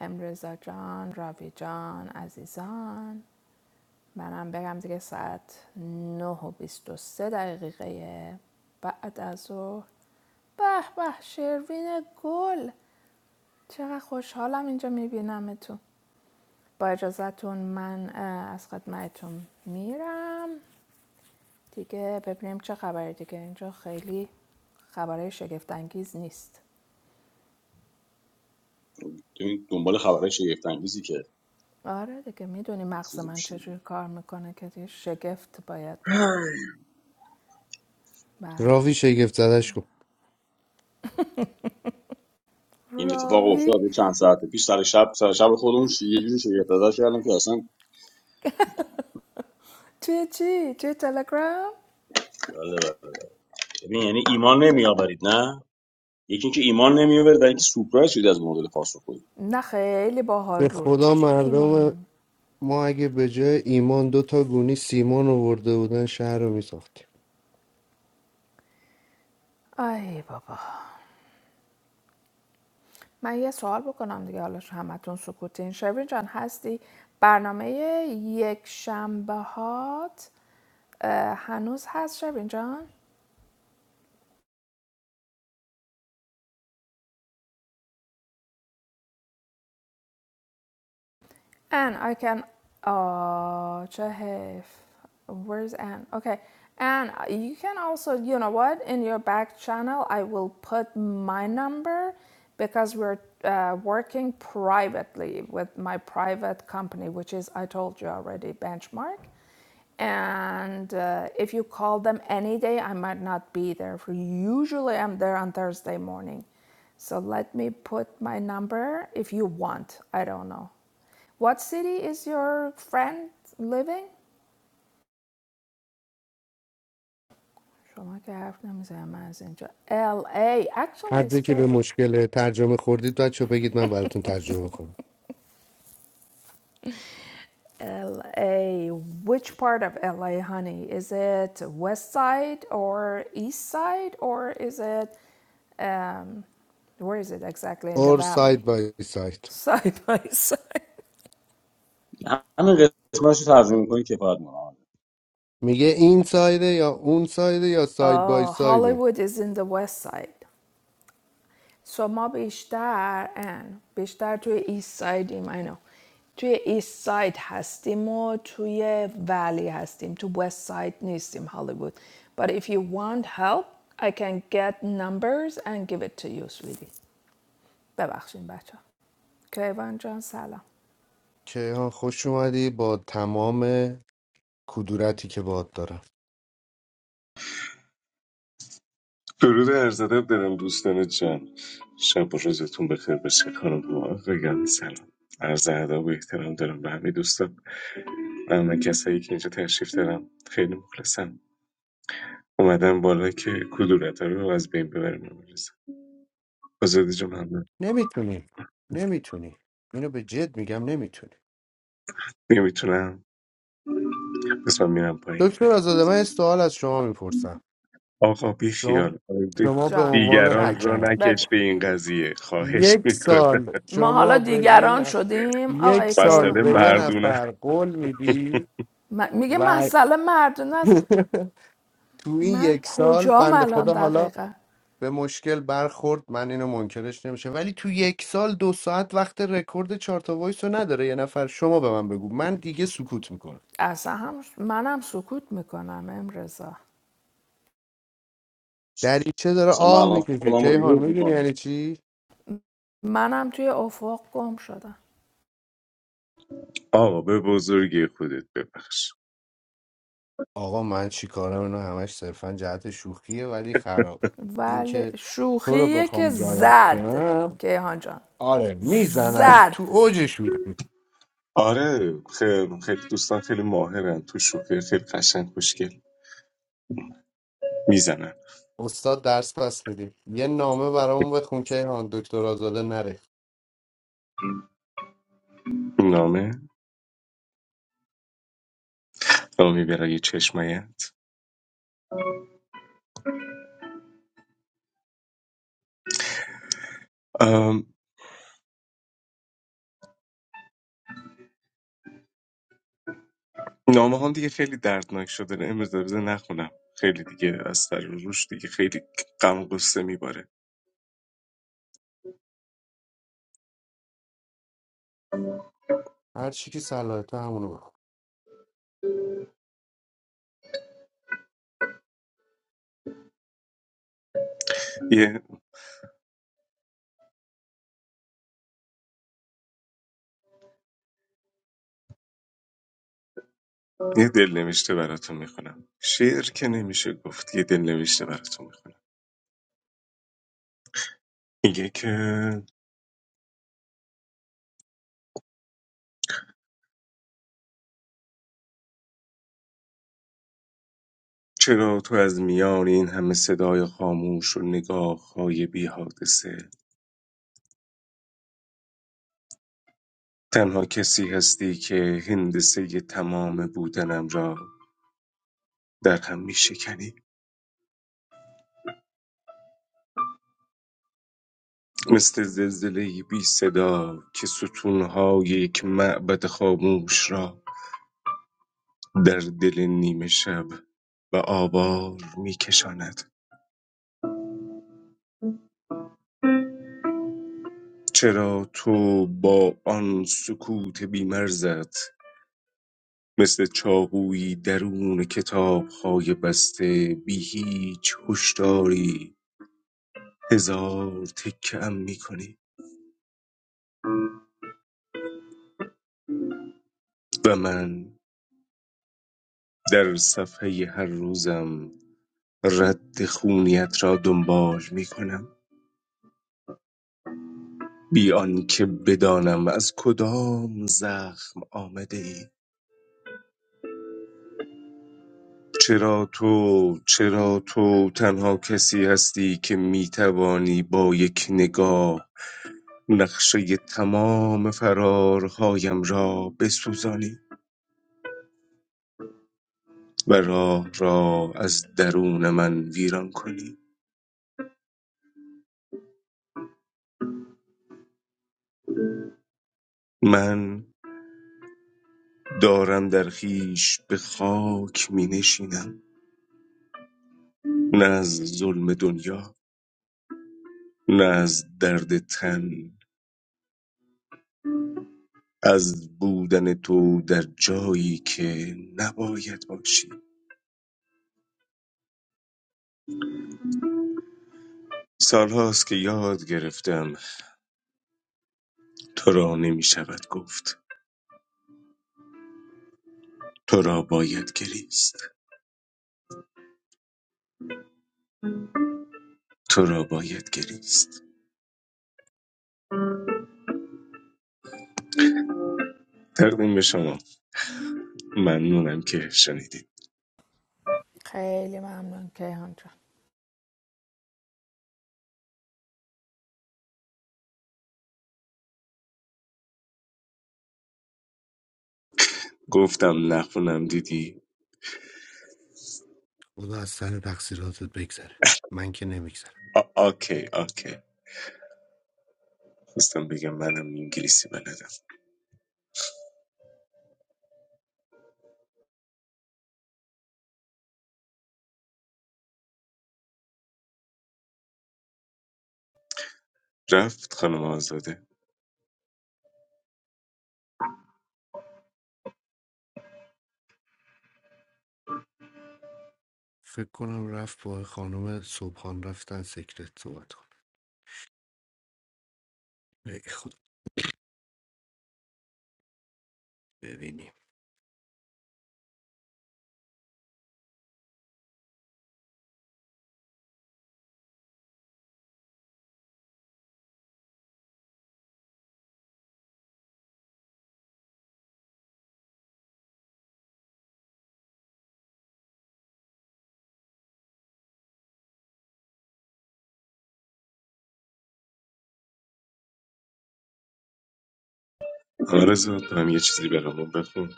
S5: امرزا جان راوی جان عزیزان منم برم دیگه ساعت 9 و 23 دقیقه بعد از ظهر به به شروین گل چقدر خوشحالم اینجا میبینمتون با اجازهتون من اه، از خدمتتون میرم دیگه ببینیم چه خبره دیگه اینجا خیلی خبره شگفت انگیز نیست
S2: این دنبال خبرهای شگفت انگیزی که
S5: آره دیگه میدونی مغز
S2: چیزی
S5: من
S2: میشه.
S5: چجوری کار میکنه که دیگه شگفت باید بشه بله
S1: راوی شگفت زدش کن
S2: این اتفاق افتاد
S5: راوی
S2: یه چند ساعت پیش سر شب سر شب خودمون یه جوری شگفت زده کردم که اصلا
S5: توی چی؟ توی تلگرام؟
S2: بله، بله. ببین یعنی ایمان نمیآورید نه یکی اینکه ایمان نمیآورد و اینکه سورپرایز شدی از مدل پاسخگویی
S5: نه خیلی باحال
S1: به
S5: بود
S1: خدا
S5: چی
S1: مردم
S5: ایمانم
S1: ما اگه به جای ایمان دو تا گونی سیمان آورده بودن شهر رو میساخت
S5: ای بابا من یه سوال بکنم دیگه حالا همتون سکوتین شبین جان هستی برنامه یک شنبه هات هنوز هست شبین جان And I can. Oh, Chehif. Where's Anne? Okay. And you can also, you know what? In your back channel, I will put my number because we're uh, working privately with my private company, which is, I told you already, Benchmark. And uh, if you call them any day, I might not be there. For usually, I'm there on Thursday morning. So let me put my number if you want. I don't know. What city is your friend living? شما که حرف نمیزنم من از اینجا LA
S1: هر
S5: actually it's
S1: جا که به
S5: good
S1: مشکل ترجمه خوردید بچه بگید من براتون ترجمه کنم
S5: LA which part of LA honey is it west side or east side or is it um, where is it exactly in the
S1: اور ساید
S5: valley
S1: بای ساید
S5: side by side
S2: همین قسمتش رو ترجمه می‌کنی کفایت می‌کنه
S1: میگه این سایده یا اون سایده یا ساید بای
S5: oh
S1: سایده
S5: Hollywood is in the west side سو ما بیشتر ان بیشتر توی ایست سایدیم اینو توی ایست ساید هستیم و توی ولی هستیم تو وست ساید نیستیم هالیوود but if you want help I can get numbers and give it to you sweetie ببخشین بچه کیوان جان سلام
S1: کیهان خوش اومدی با تمام کدورتی که باد دارم
S6: درود ارزاده دارم دوستان جان شب و روزتون بخیر باشه خانم و آقایان سلام عرض ادب و احترام دارم به همه دوستان و من کسایی که اینجا تشریف دارم خیلی مخلصم اومدم بالا که کدورت رو از بین ببرم امروز آزادی جان ممنون
S1: نمیتونی نمیتونی اینو به جد میگم نمیتونی
S6: نمیتونم پس من میرم پایین
S1: دکتر آزاده من یه سوال از شما میپرسم
S6: آقا بی
S1: شما
S6: خیال
S1: شما به
S5: جان
S1: عنوان
S6: دیگران
S5: جان
S6: رو
S1: حکم
S5: بگو
S6: نکش به این قضیه خواهش
S1: یک
S6: میکنم
S1: سال
S5: ما حالا
S1: شما به یه
S5: دیگران
S1: نف-
S5: شدیم
S1: یک
S5: آقای
S1: سال
S6: مسئله
S1: به یه
S5: کیوان
S6: مردونه
S1: نفر قول میدی
S5: میگه
S1: و
S5: مسئله مردون است
S1: تو این
S5: من
S1: یک سال
S5: کجام
S1: بند
S5: الان
S1: خدا حالا
S5: دقیقا
S1: به مشکل برخورد من اینو منکرش نمیشه ولی تو یک سال دو ساعت وقت رکورد چهار تا وایس رو نداره یه نفر شما به من بگو من دیگه سکوت میکنم
S5: اصلا هم منم سکوت میکنم امرزا
S1: دریچه داره
S2: اصلا من
S1: آه
S2: الان
S1: میکشه
S2: خودم رو
S1: کیهان
S2: ریموو
S1: میدونی
S2: می‌کنم
S1: یعنی چی
S5: منم توی افق گم شدم
S6: آقا به بزرگی خودت ببخش
S1: آقا من چی کارم اینو همش صرفا جهت شوخیه ولی خراب
S5: ولی
S1: اینکه تو رو
S5: شوخیه که
S1: بخوام زارت
S5: زد
S1: کنم
S5: کیهان جان
S1: آره میزنم
S5: زد
S1: تو اوج شوخی
S6: آره خیلی خیلی دوستان خیلی ماهرن تو شوخی خیلی قشنگ خوشگل میزنن
S1: استاد درس پس میدیم یه نامه برامون بخون که هان دکتر آزاده نره
S6: نامه نامه برای چشمایت ام، نامه هم دیگه خیلی دردناک شده امروز در نخونم خیلی دیگه از در روش دیگه خیلی غم و غصه میباره
S1: هر چی که صلاحیت همونو بخون
S6: یه یه دل نوشته براتون میخونم شعر که نمیشه گفت یه دل نوشته براتون میخونم میگه که چرا تو از میان این همه صدای خاموش و نگاه های بی تنها کسی هستی که هندسه تمام بودنم را در هم می شکنی مثل زلزله بی صدا که ستونهای یک معبد خاموش را در دل نیمه شب به آوار می کشاند چرا تو با آن سکوت بیمرزت مثل چاقویی درون کتابهای بسته بی هیچ هشداری هزار تکه ام می کنی و من در صفحه هر روزم رد خونیت را دنبال می کنم بی آنکه بدانم از کدام زخم آمده ای چرا تو چرا تو تنها کسی هستی که می توانی با یک نگاه نقشه تمام فرارهایم را بسوزانی و راه را از درون من ویران کنی من دارم در خیش به خاک می نشینم نه از ظلم دنیا نه از درد تن از بودن تو در جایی که نباید باشی سالهاست که یاد گرفتم تو را نمی شود گفت تو را باید گریست تو را باید گریست تقدیم به شما ممنونم که شنیدید
S5: خیلی ممنون کیهان جان
S6: گفتم نخونم دیدی
S1: خدا از سر تقصیراتت بگذره من که نمیگذرم
S6: آ- آکی آکی خواستم بگم منم انگلیسی بلدم رفت خانم آزاده
S1: فکر کنم رفت با خانم صبحان رفتن سکرت صحبت کن ای خود ببینی
S6: آرزو تو هم یه چیزی برامون بخون